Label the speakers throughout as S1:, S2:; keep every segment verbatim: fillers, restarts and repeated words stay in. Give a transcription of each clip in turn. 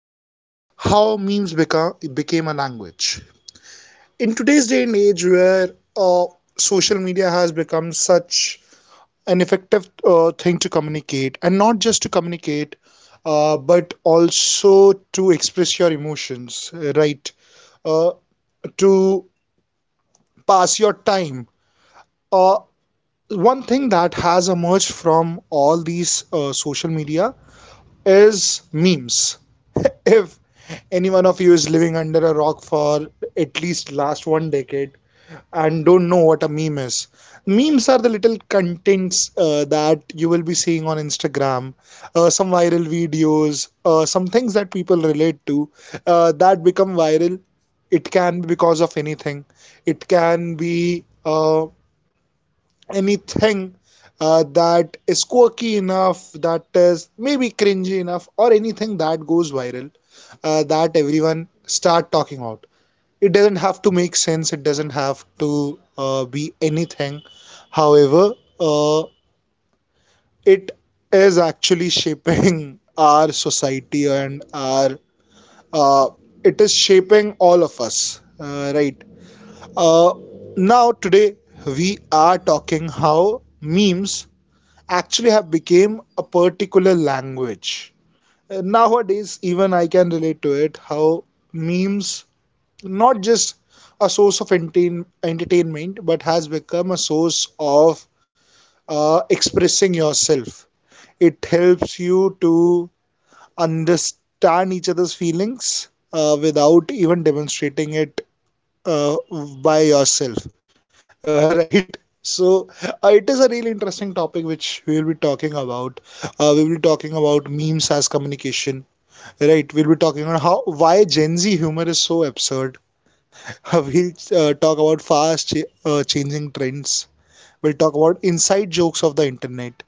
S1: is how memes become became a language. In today's day and age, where uh, social media has become such an effective uh, thing to communicate, and not just to communicate, uh, but also to express your emotions, right? Uh, to pass your time. Uh, One thing that has emerged from all these uh, social media is memes. If any one of you is living under a rock for at least last one decade and don't know what a meme is, memes are the little contents uh, that you will be seeing on Instagram, uh, some viral videos, uh, some things that people relate to uh, that become viral. It can be because of anything. It can be uh, anything uh, that is quirky enough, that is maybe cringy enough, or anything that goes viral uh, that everyone start talking about. It doesn't have to make sense. It doesn't have to uh, be anything. However, uh, it is actually shaping our society and our uh, it is shaping all of us, uh, right? Uh, Now today we are talking how memes actually have become a particular language. Uh, Nowadays, even I can relate to it how memes not just a source of entertain- entertainment but has become a source of uh, expressing yourself. It helps you to understand each other's feelings uh, without even demonstrating it uh, by yourself. Uh, right. So uh, it is a really interesting topic which we will be talking about. Uh, we will be talking about memes as communication, right? We'll be talking on how why Gen Z humor is so absurd. we'll uh, talk about fast ch uh, changing trends. We'll talk about inside jokes of the internet.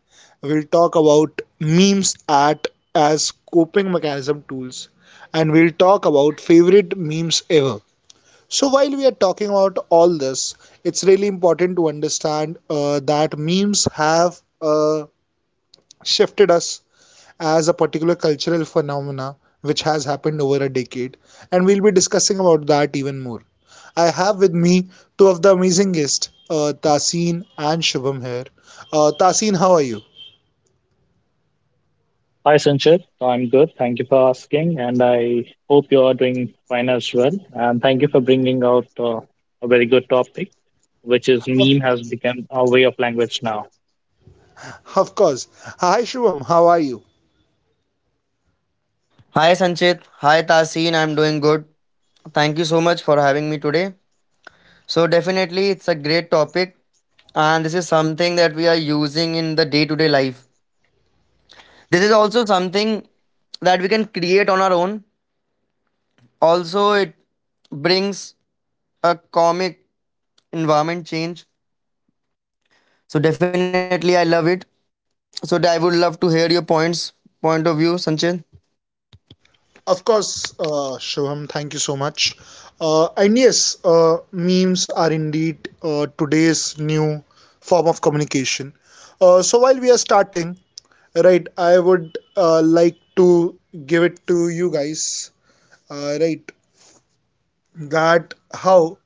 S1: We'll talk about memes at as coping mechanism tools, and we'll talk about favorite memes ever. So while we are talking about all this, it's really important to understand uh, that memes have uh, shifted us as a particular cultural phenomena which has happened over a decade, and we'll be discussing about that even more. I have with me two of the amazing guests, uh, Tasin and Shubham here. Uh, Tasin, how are you?
S2: Hi, Sanchit. I'm good. Thank you for asking, and I hope you are doing fine as well. And thank you for bringing out uh, a very good topic, which is
S1: Of,
S2: meme has become a way of language now.
S1: of course. Hi, Shubham. How are you?
S3: Hi Sanchit. Hi Tasin. I'm doing good. Thank you so much for having me today. So, definitely, it's a great topic, and this is something that we are using in the day to day life. This is also something that we can create on our own. Also, it brings a comic environment
S1: Of course, uh, Shubham, thank you so much. Uh, and yes, uh, memes are indeed uh, today's new form of communication. Uh, so while we are starting, right, I would uh, like to give it to you guys, uh, right, that how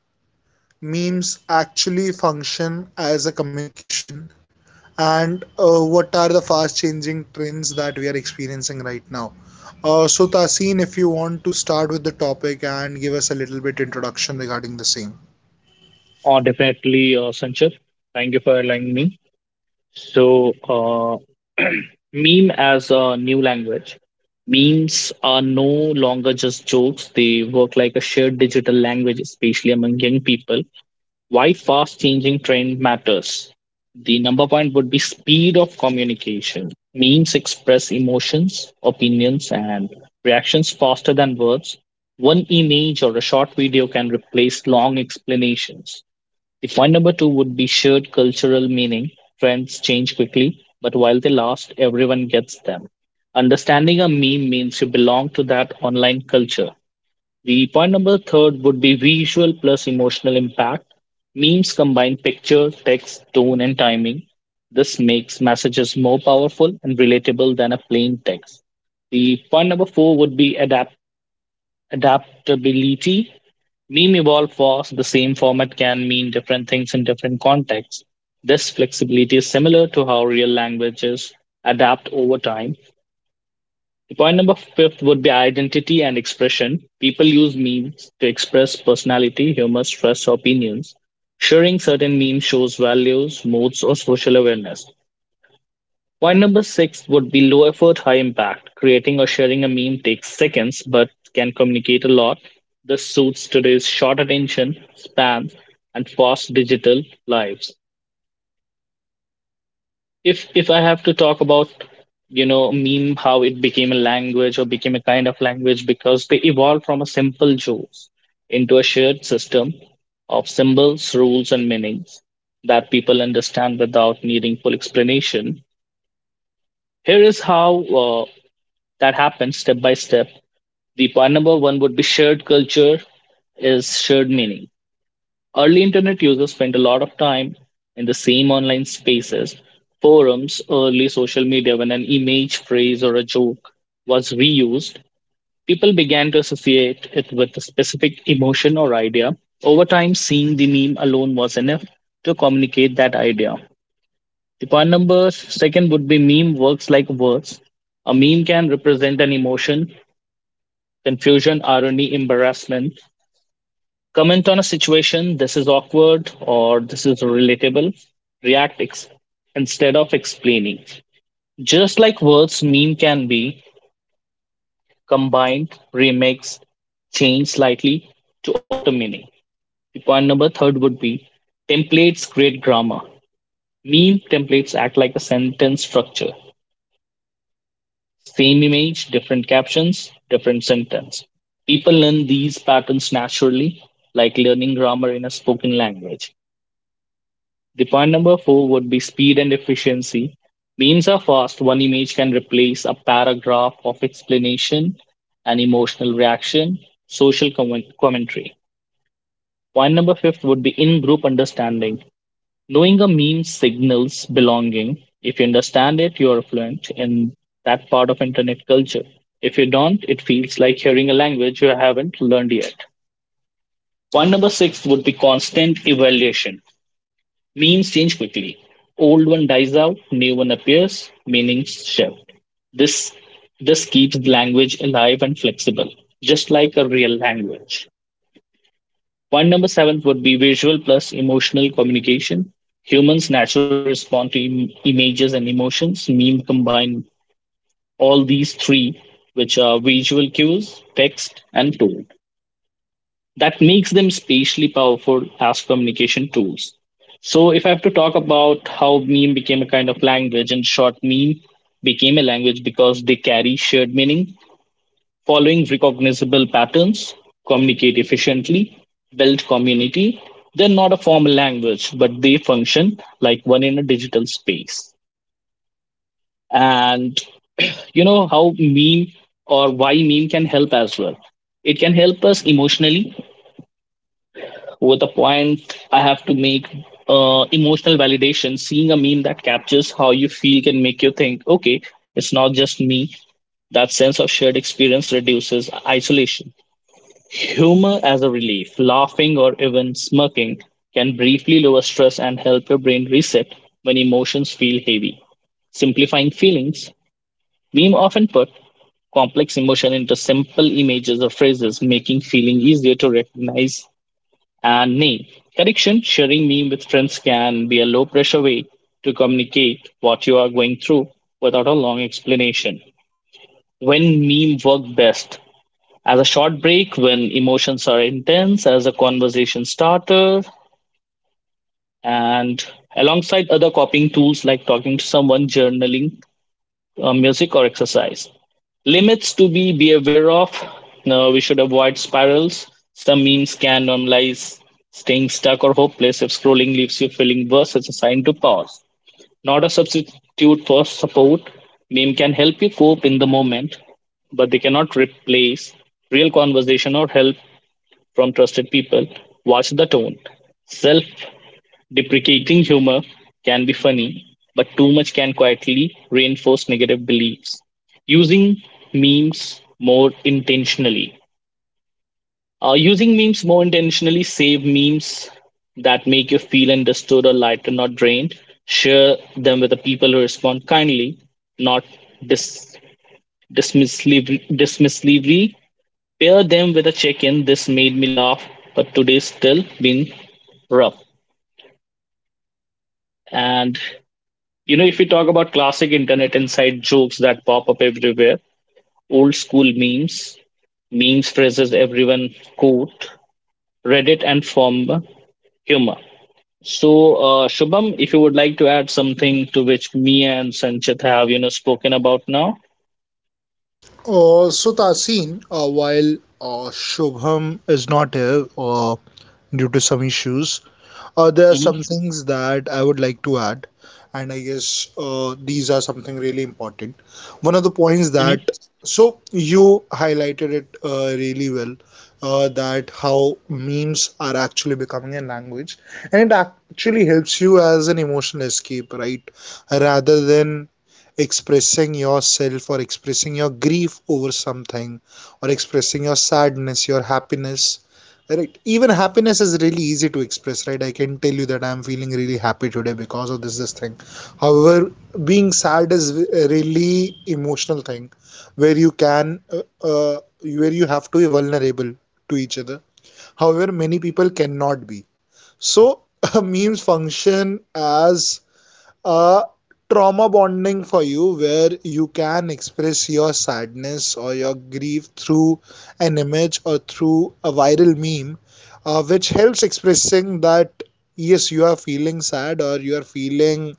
S1: memes actually function as a communication and uh, what are the fast changing trends that we are experiencing right now. Uh, so Tasin, if you want to start with the topic and give us a little bit introduction regarding the same.
S2: Oh, definitely, uh, Sanchit. Thank you for allowing me. So, uh, meme as a new language. Memes are no longer just jokes. They work like a shared digital language, especially among young people. Why fast changing trend matters. The number point would be speed of communication. Memes express emotions, opinions, and reactions faster than words. One image or a short video can replace long explanations. The point number two would be shared cultural meaning. Trends change quickly, but while they last, everyone gets them. Understanding a meme means you belong to that online culture. The point number third would be visual plus emotional impact. Memes combine picture, text, tone, and timing. This makes messages more powerful and relatable than a plain text. The point number four would be adapt adaptability. Meme evolve fast. The same format can mean different things in different contexts. This flexibility is similar to how real languages adapt over time. The point number fifth would be identity and expression. People use memes to express personality, humor, stress, or opinions. Sharing certain memes shows values, moods, or social awareness. Point number six would be low effort, high impact. Creating or sharing a meme takes seconds but can communicate a lot. This suits today's short attention spans and fast digital lives. if if i have to talk about you know meme, how it became a language or became a kind of language, because they evolved from a simple jokes into a shared system of symbols, rules, and meanings that people understand without needing full explanation. Here is how uh, that happens step by step. The point number one would be shared culture is shared meaning. Early internet users spent a lot of time in the same online spaces, forums, early social media. When an image, phrase, or a joke was reused, people began to associate it with a specific emotion or idea. Over time, seeing the meme alone was enough to communicate that idea. The point number second would be meme works like words. A meme can represent an emotion, confusion, irony, embarrassment, comment on a situation, this is awkward or this is relatable. React ex- Instead of explaining. Just like words, meme can be combined, remixed, changed slightly to alter meaning. The point number third would be templates create grammar. Meme templates act like a sentence structure. Same image, different captions, different sentence. People learn these patterns naturally, like learning grammar in a spoken language. The point number four would be speed and efficiency. Memes are fast. One image can replace a paragraph of explanation, an emotional reaction, social comment- commentary. Point number fifth would be in group understanding. Knowing a meme signals belonging. If you understand it, you are fluent in that part of internet culture. If you don't, it feels like hearing a language you haven't learned yet. Point number six would be constant evaluation. Memes change quickly. Old one dies out, new one appears, meanings shift. This this keeps the language alive and flexible, just like a real language. Point number seven would be visual plus emotional communication. Humans naturally respond to im- images and emotions. Meme combine all these three, which are visual cues, text, and tone that makes them spatially powerful as communication tools. So, if I have to talk about how meme became a kind of language, in short, meme became a language because they carry shared meaning, following recognizable patterns, communicate efficiently, build community. They're not a formal language, but they function like one in a digital space. And you know how meme or why meme can help as well. It can help us emotionally. With the point I have to make, uh, emotional validation. Seeing a meme that captures how you feel can make you think, okay, it's not just me. That sense of shared experience reduces isolation. Humor as a relief, laughing or even smirking can briefly lower stress and help your brain reset when emotions feel heavy. Simplifying feelings, meme often put complex emotion into simple images or phrases, making feeling easier to recognize and name. Correction, sharing meme with friends can be a low pressure way to communicate what you are going through without a long explanation. When meme work best? As a short break when emotions are intense, as a conversation starter, and alongside other copying tools like talking to someone, journaling, uh, music or exercise. Limits to be, be aware of. No, we should avoid spirals. Some memes can normalize staying stuck or hopeless if scrolling leaves you feeling worse. It's a sign to pause. Not a substitute for support. Meme can help you cope in the moment, but they cannot replace real conversation or help from trusted people. Watch the tone. Self deprecating humor can be funny, but too much can quietly reinforce negative beliefs. Using memes more intentionally. Uh, using memes more intentionally, save memes that make you feel understood or lighter, not drained. Share them with the people who respond kindly, not dis- dismissively. dismissively. Pair them with a check in. This made me laugh, but today's still been rough. And you know, if we talk about classic internet inside jokes that pop up everywhere, old school memes, memes phrases everyone quote, Reddit and form humor. So, uh, Shubham, if you would like to add something to which me and Sanchit have, you know, spoken about now.
S1: Uh, so Tasin, uh, while uh, Shubham is not here uh, due to some issues, Uh, there are some
S2: Hmm.
S1: things that I would like to add, and I guess uh, these are something really important. One of the points
S2: Hmm.
S1: that, so you highlighted it uh, really well, uh, that how memes are actually becoming a language, and it actually helps you as an emotional escape, right? Rather than expressing yourself or expressing your grief over something or expressing your sadness, your happiness, right? Even happiness is really easy to express, right? I can tell you that I'm feeling really happy today because of this this thing. However, being sad is a really emotional thing where you can uh, uh, where you have to be vulnerable to each other. However, many people cannot be. So memes function as a trauma bonding for you, where you can express your sadness or your grief through an image or through a viral meme, uh, which helps expressing that yes, you are feeling sad or you are feeling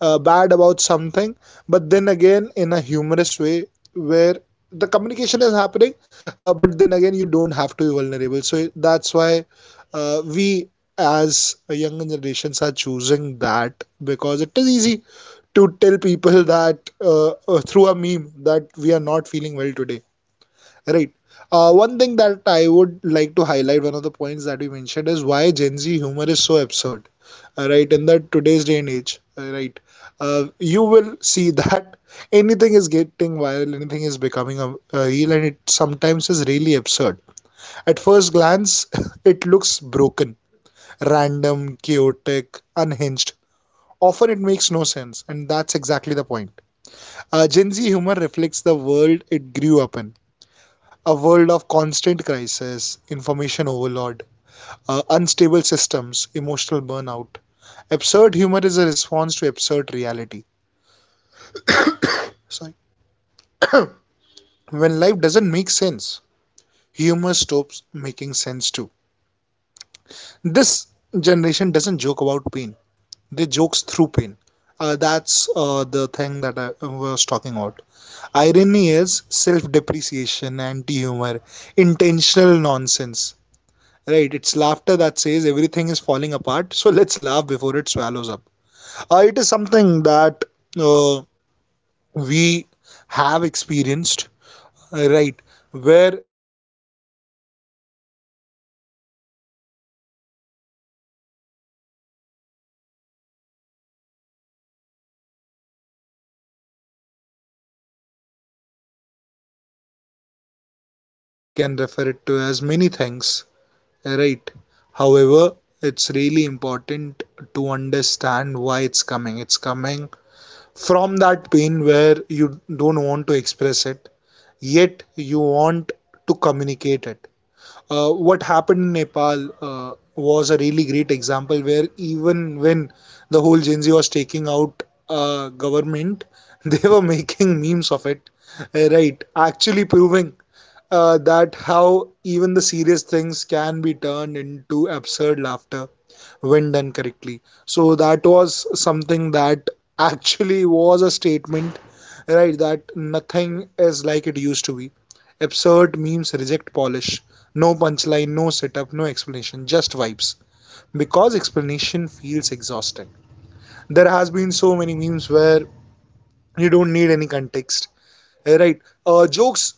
S1: uh, bad about something, but then again in a humorous way, where the communication is happening, uh, but then again, you don't have to be vulnerable. So that's why uh, we as a younger generations are choosing that, because it is easy to tell people that uh, uh, through a meme that we are not feeling well today, right? Uh, one thing that I would like to highlight, one of the points that we mentioned, is why Gen Z humor is so absurd. Uh, right, in that today's day and age, uh, right, uh, you will see that anything is getting viral, anything is becoming a, a real, and it sometimes is really absurd. At first glance, it looks broken, random, chaotic, unhinged. Often it makes no sense, and that's exactly the point. uh, Gen Z humor reflects the world it grew up in, a world of constant crisis, information overload, uh, unstable systems, emotional burnout. Absurd humor is a response to absurd reality. So when life doesn't make sense, humor stops making sense too. This generation doesn't joke about pain, they joke through pain. Uh, that's uh, the thing that I was talking about. Irony is self depreciation, anti humor, intentional nonsense. Right, it's laughter that says everything is falling apart, so let's laugh before it swallows up. Uh, it is something that uh, we have experienced, uh, right? Where even if nothing is going wrong, right, your uh, whole country can be under a crisis and you'll still find something humorous about the same. People can talk it as dark comedy, they can refer it to as many things. Right. However, it's really important to understand why it's coming. It's coming from that pain where you don't want to express it, yet you want to communicate it. Uh, what happened in Nepal uh, was a really great example, where even when the whole Gen Z was taking out uh, government, they were making memes of it, uh, right? Actually proving uh, that how even the serious things can be turned into absurd laughter when done correctly. So that was something that actually was a statement, right? That nothing is like it used to be. Absurd memes reject polish. No punchline, no setup, no explanation, just vibes. Because explanation feels exhausting. There has been so many memes where you don't need any context. Eh, right. Uh, jokes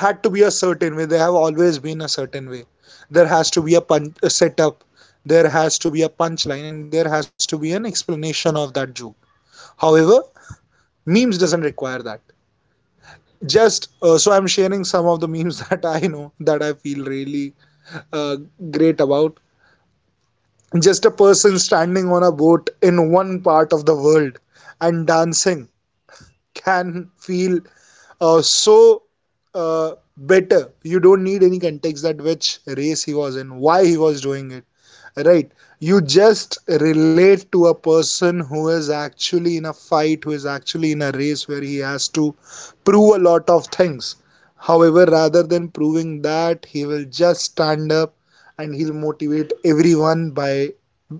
S1: had to be a certain way. They have always been a certain way. There has to be a, pun- a setup, there has to be a punchline, and there has to be an explanation of that joke. However, memes doesn't require that. Just uh, so I'm sharing some of the memes that I know that I feel really uh, great about. Just a person standing on a boat in one part of the world and dancing can feel uh, so uh, better. You don't need any context that which race he was in, why he was doing it, right? You just relate to a person who is actually in a fight, who is actually in a race where he has to prove a lot of things. However, rather than proving that, he will just stand up and he'll motivate everyone by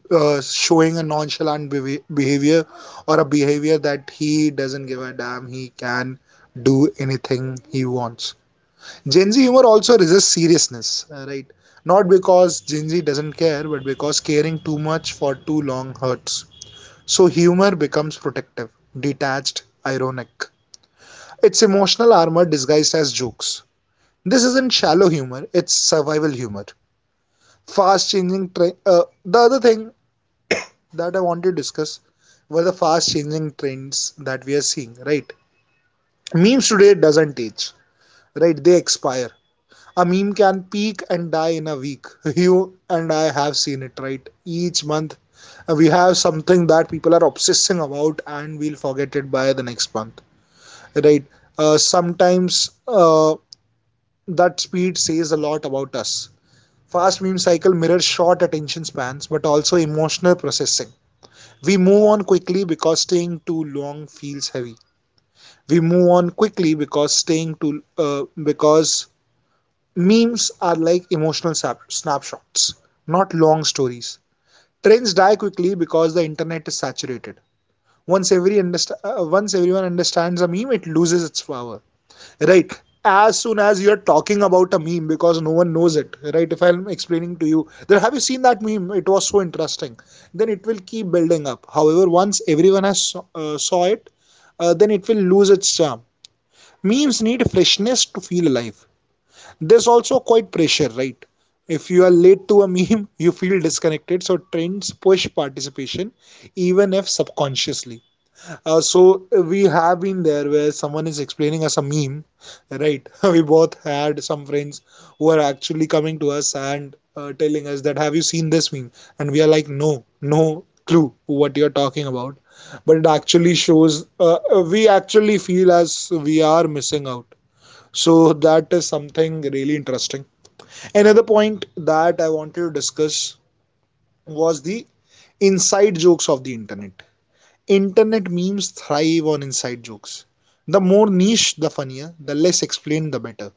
S1: uh, showing a nonchalant behavi- behavior or a behavior that he doesn't give a damn, he can do anything he wants. Gen Z humor also resists seriousness, uh, right? Not because Gen Z doesn't care, but because caring too much for too long hurts. So humor becomes protective, detached, ironic. It's emotional armor disguised as jokes. This isn't shallow humor, it's survival humor. Fast changing trend. Uh, the other thing that I want to discuss were the fast changing trends that we are seeing, right? Memes today doesn't age, right? They expire. A meme can peak and die in a week. You and I have seen it, right? Each month uh, we have something that people are obsessing about and we'll forget it by the next month, right? Uh, sometimes uh, that speed says a lot about us. Fast meme cycle mirrors short attention spans but also emotional processing. We move on quickly because staying too long feels heavy. We move on quickly because staying too uh, because Memes are like emotional snapshots, not long stories. Trends die quickly because the internet is saturated. Once every underst- uh, once everyone understands a meme, it loses its power. Right. As soon as you're talking about a meme because no one knows it, right? If I'm explaining to you that, have you seen that meme? It was so interesting. Then it will keep building up. However, once everyone has saw- uh, saw it, uh, then it will lose its charm. Memes need freshness to feel alive. There's also quite pressure, right? If you are late to a meme, you feel disconnected. So trends push participation, even if subconsciously. Uh, so we have been there where someone is explaining us a meme, right? We both had some friends who are actually coming to us and uh, telling us that, "Have you seen this meme?" And we are like, "No, no clue what you're talking about." But it actually shows uh, uh, we actually feel as we are missing out, so that is something really interesting. Another point that I wanted to discuss was the inside jokes of the internet. Internet memes thrive on inside jokes. The more niche, the funnier, the less explained, the better.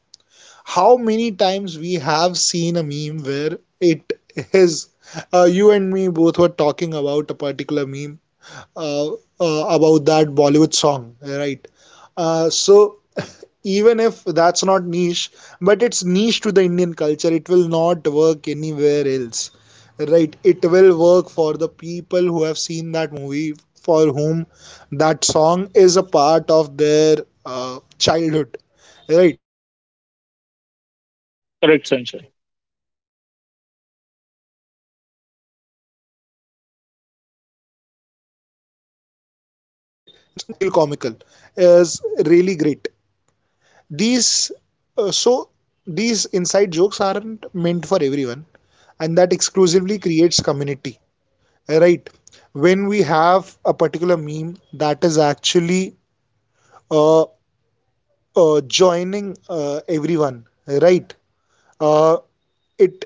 S1: How many times we have seen a meme where it is uh, you and me both were talking about a particular meme, uh, uh, about that Bollywood song, right? Uh, so even if that's not niche, but it's niche to the Indian culture, it will not work anywhere else. Right, it will work for the people who have seen that movie, for whom that song is a part of their uh, childhood. Right, they feel so refreshing. And
S2: Correct,
S1: just
S2: Sanchit.
S1: having that one friend who can ac- actually uh, say that song in such a way, right, that it fe- feel comical is really great. These uh, so these inside jokes aren't meant for everyone, and that exclusively creates community. Right, when we have a particular meme that is actually uh, uh, joining uh, everyone, right, uh, it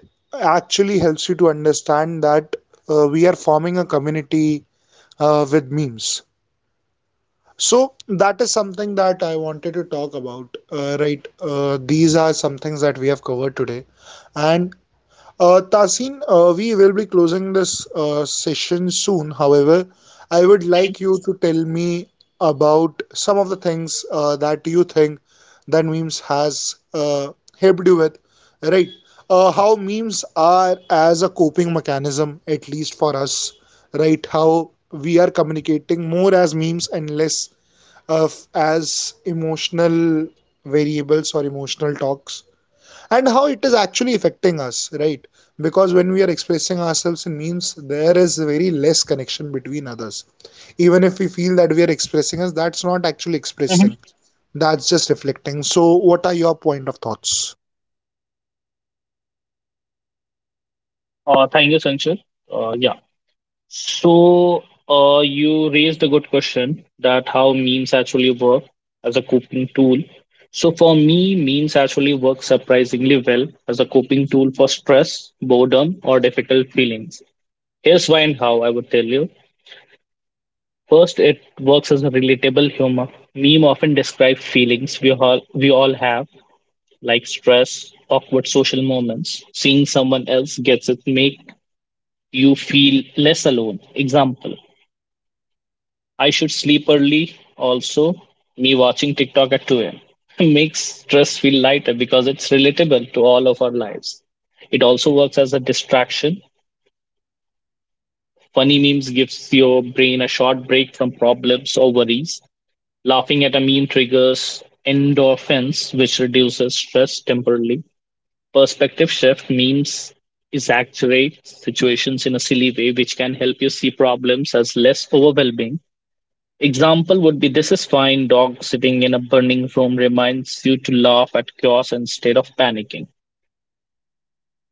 S1: actually helps you to understand that uh, we are forming a community uh, with memes. So that is something that I wanted to talk about, uh, right? Uh, these are some things that we have covered today. And uh, Tasin, uh, we will be closing this uh, session soon. However, I would like you to tell me about some of the things uh, that you think that memes has uh, helped you with, right? Uh, how memes are as a coping mechanism, at least for us, right? How we are communicating more as memes and less of as emotional variables or emotional talks, and how it is actually affecting us. Right, because when we are expressing ourselves in memes, there is very less connection between others. Even if we feel that we are expressing us, that's not actually
S2: Hmm.
S1: expressing, that's just reflecting. So what are your point of thoughts?
S2: Uh, thank you, Sanchit. Uh, yeah. So, uh, you raised a good question that how memes actually work as a coping tool. So, for me, memes actually work surprisingly well as a coping tool for stress, boredom, or difficult feelings. Here's why and how I would tell you. First, it works as a relatable humor. Meme often describe feelings we all we all have, like stress, awkward social moments. Seeing someone else gets it make you feel less alone. Example. I should sleep early. Also, me watching TikTok at two a m makes stress feel lighter because it's relatable to all of our lives. It also works as a distraction. Funny memes gives your brain a short break from problems or worries. Laughing at a meme triggers endorphins, which reduces stress temporarily. Perspective shift memes exaggerate situations in a silly way, which can help you see problems as less overwhelming. Example would be this is fine dog sitting in a burning room reminds you to laugh at chaos instead of panicking.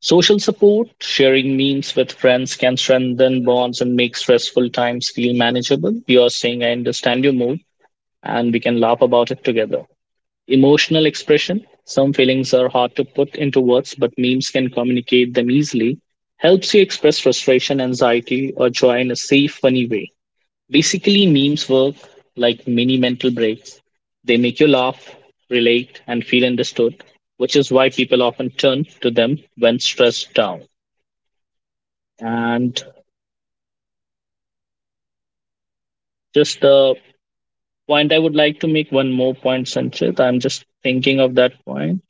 S2: Social support, sharing memes with friends can strengthen bonds and make stressful times feel manageable. You are saying, I understand your mood, and we can laugh about it together. Emotional expression, some feelings are hard to put into words, but memes can communicate them easily. Helps you express frustration, anxiety, or joy in a safe, funny way. Basically, memes work like mini mental breaks. They make you laugh, relate, and feel understood, which is why people often turn to them when stressed down. And just the point I would like to make one more point, Sanchit. I'm just thinking of that point.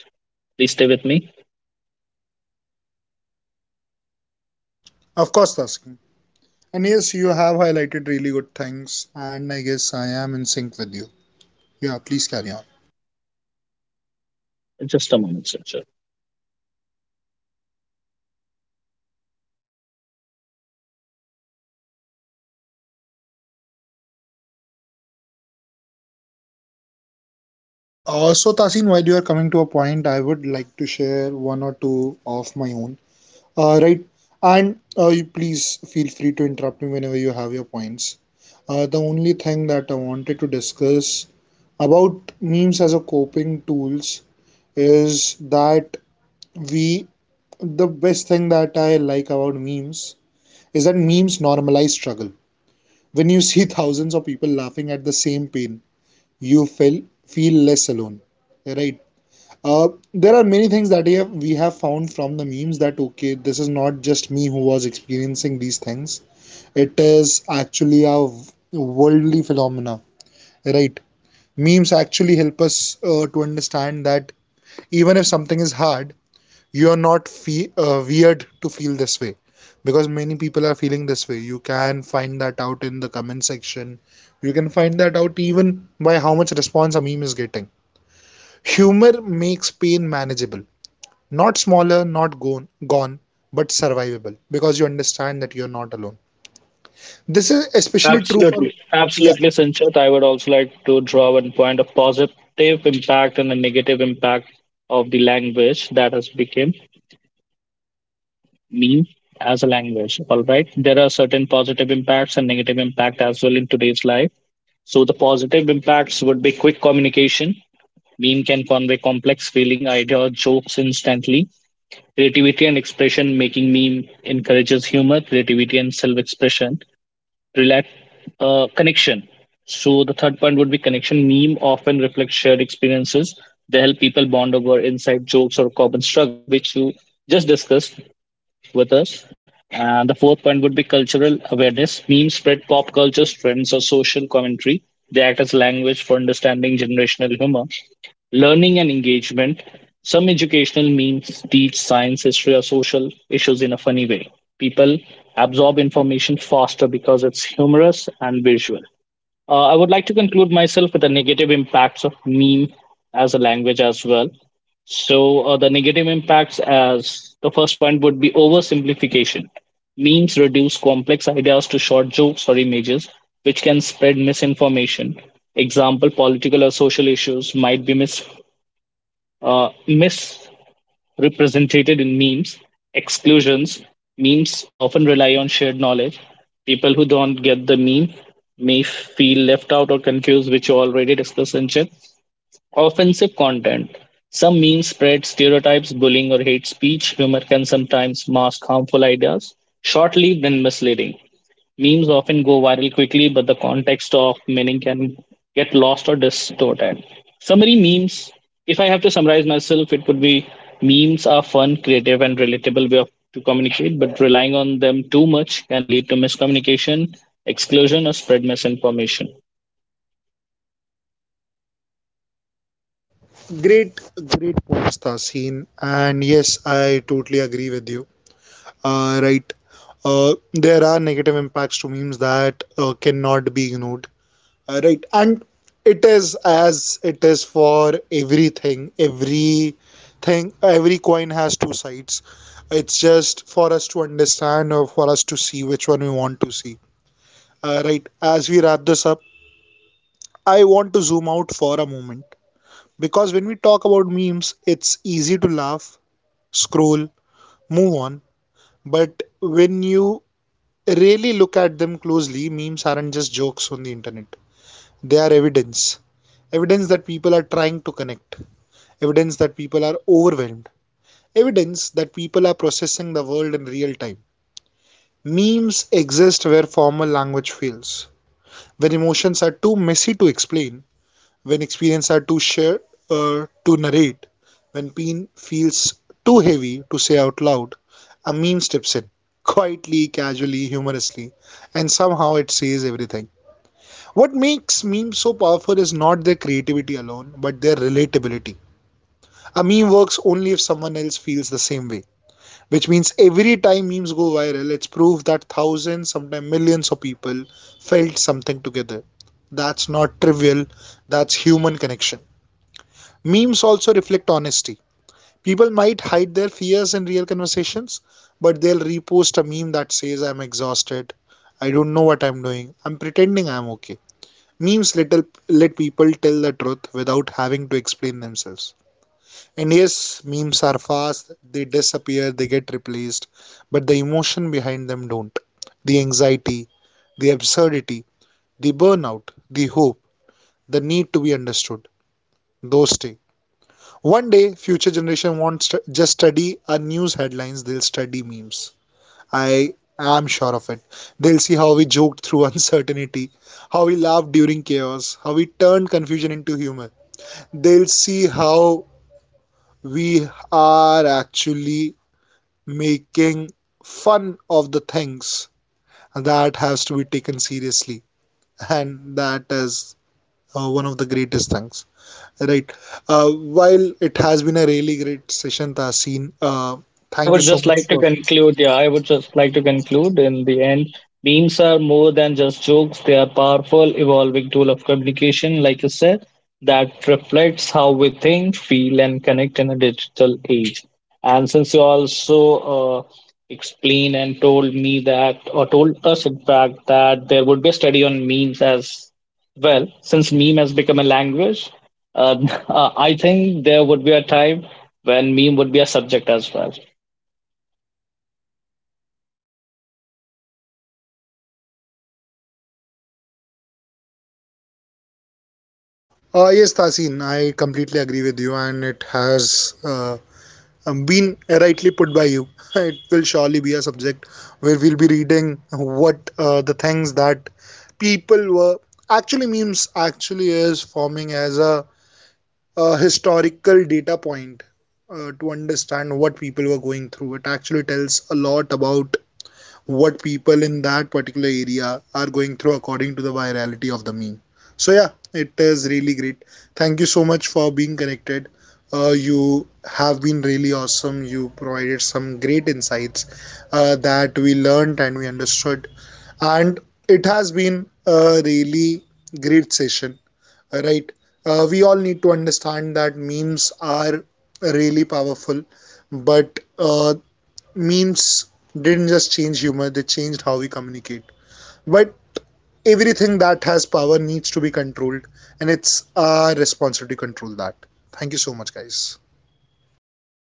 S2: Please stay with me.
S1: Of course, Tasking. And yes, you have highlighted really good things, and I guess I am in sync with you. Yeah, please carry on.
S2: Just a moment, Sanchit.
S1: Uh, so, Tasin, while you are coming to a point, I would like to share one or two of my own. Uh, right, and uh, you please feel free to interrupt me whenever you have your points. Uh, the only thing that I wanted to discuss about memes as a coping tools is that we the best thing that I like about memes is that memes normalize struggle. When you see thousands of people laughing at the same pain, you feel feel less alone, right. Uh, there are many things that we have, we have found from the memes that okay, this is not just me who was experiencing these things. It is actually a worldly phenomena, right? Memes actually help us uh, to understand that even if something is hard, you are not fe uh, weird to feel this way because many people are feeling this way. You can find that out in the comment section. You can find that out even by how much response a meme is getting. Humor makes pain manageable, not smaller, not gone gone, but survivable, because you understand that you're not alone. This is especially true
S2: Absolutely.
S1: for, yeah,
S2: Absolutely, Sanchit. I would also like to draw one point of positive impact and the negative impact of the language that has become meme as a language. All right. There are certain positive impacts and negative impact as well in today's life. So the positive impacts would be quick communication. Meme can convey complex feeling, idea, or jokes instantly. Creativity and expression making meme encourages humor, creativity, and self-expression. Relate uh, Connection. So the third point would be connection. Meme often reflects shared experiences. They help people bond over inside jokes or common struggle, which you just discussed with us. And the fourth point would be cultural awareness. Memes spread pop culture trends, or social commentary. They act as language for understanding generational humor. Learning and engagement. Some educational memes teach science, history, or social issues in a funny way. People absorb information faster because it's humorous and visual. Uh, I would like to conclude myself with the negative impacts of meme as a language as well. So, uh, the negative impacts as the first point would be oversimplification. Memes reduce complex ideas to short jokes or images, which can spread misinformation. Example, political or social issues might be mis, uh, mis represented in memes, exclusions. Memes often rely on shared knowledge. People who don't get the meme may feel left out or confused, which you already discussed, Sanchit. Offensive content. Some memes spread stereotypes, bullying, or hate speech. Humor can sometimes mask harmful ideas, short lived and misleading. Memes often go viral quickly, but the context of meaning can get lost or distorted. Summary memes. If I have to summarize myself, it would be memes are fun, creative, and relatable way of to communicate, but relying on them too much can lead to miscommunication, exclusion, or spread misinformation.
S1: great. Great points, Tahseen, and yes, I totally agree with you. Uh, right, uh, there are negative impacts to memes that uh, cannot be ignored. Uh, right, and it is, as it is for everything, everything every coin has two sides. It's just for us to understand, or for us to see, which one we want to see. Uh, right, as we wrap this up, I want to zoom out for a moment, because when we talk about memes, it's easy to laugh, scroll, move on. But when you really look at them closely, memes aren't just jokes on the internet, they are evidence. Evidence that people are trying to connect, evidence that people are overwhelmed, evidence that people are processing the world in real time. Memes exist where formal language fails, when emotions are too messy to explain, when experience are too shared or to narrate, when pain feels too heavy to say out loud, a meme steps in, quietly, casually, humorously, and somehow it says everything. What makes memes so powerful is not their creativity alone, but their relatability. A meme works only if someone else feels the same way, which means every time memes go viral, it's proof that thousands, sometimes millions of people felt something together. That's not trivial, that's human connection. Memes also reflect honesty. People might hide their fears in real conversations, but they'll repost a meme that says, "I'm exhausted, I don't know what I'm doing, I'm pretending I'm okay." Memes little, let people tell the truth without having to explain themselves. And yes, memes are fast, they disappear, they get replaced, but the emotion behind them don't. The anxiety, the absurdity, the burnout, the hope, the need to be understood, those stay. One day future generation won't st- just study our news headlines, they'll study memes. I am sure of it. They'll see how we joked through uncertainty, how we laughed during chaos, how we turned confusion into humor. They'll see how we are actually making fun of the things that has to be taken seriously. And that is uh, one of the greatest things. Right. Uh, while it has been a really great session, Tasin, uh,
S2: Yeah, I
S1: thank
S2: would
S1: you
S2: just
S1: so much
S2: like to
S1: for.
S2: conclude. Yeah, I would just like to conclude in the end. Memes are more than just jokes, they are powerful, evolving tool of communication, like you said, that reflects how we think, feel, and connect in a digital age. And since you also uh, explained and told me that, or told us, in fact, that there would be a study on memes as well, since meme has become a language, uh, uh, I think there would be a time when meme would be a subject as well.
S1: Uh, yes, Tasin, I completely agree with you, and it has uh, um, been rightly put by you. It will surely be a subject where we'll be reading what uh, the things that people were actually memes actually is forming as a, a historical data point uh, to understand what people were going through. It actually tells a lot about what people in that particular area are going through according to the virality of the meme. So yeah, it is really great. Thank you so much for being connected. Uh, you have been really awesome. You provided some great insights uh, that we learned and we understood, and it has been a really great session. Right? Uh, we all need to understand that memes are really powerful, but uh, memes didn't just change humor, they changed how we communicate. But everything that has power needs to be controlled, and it's our responsibility to control that. Thank you so much, guys.
S2: Thank you,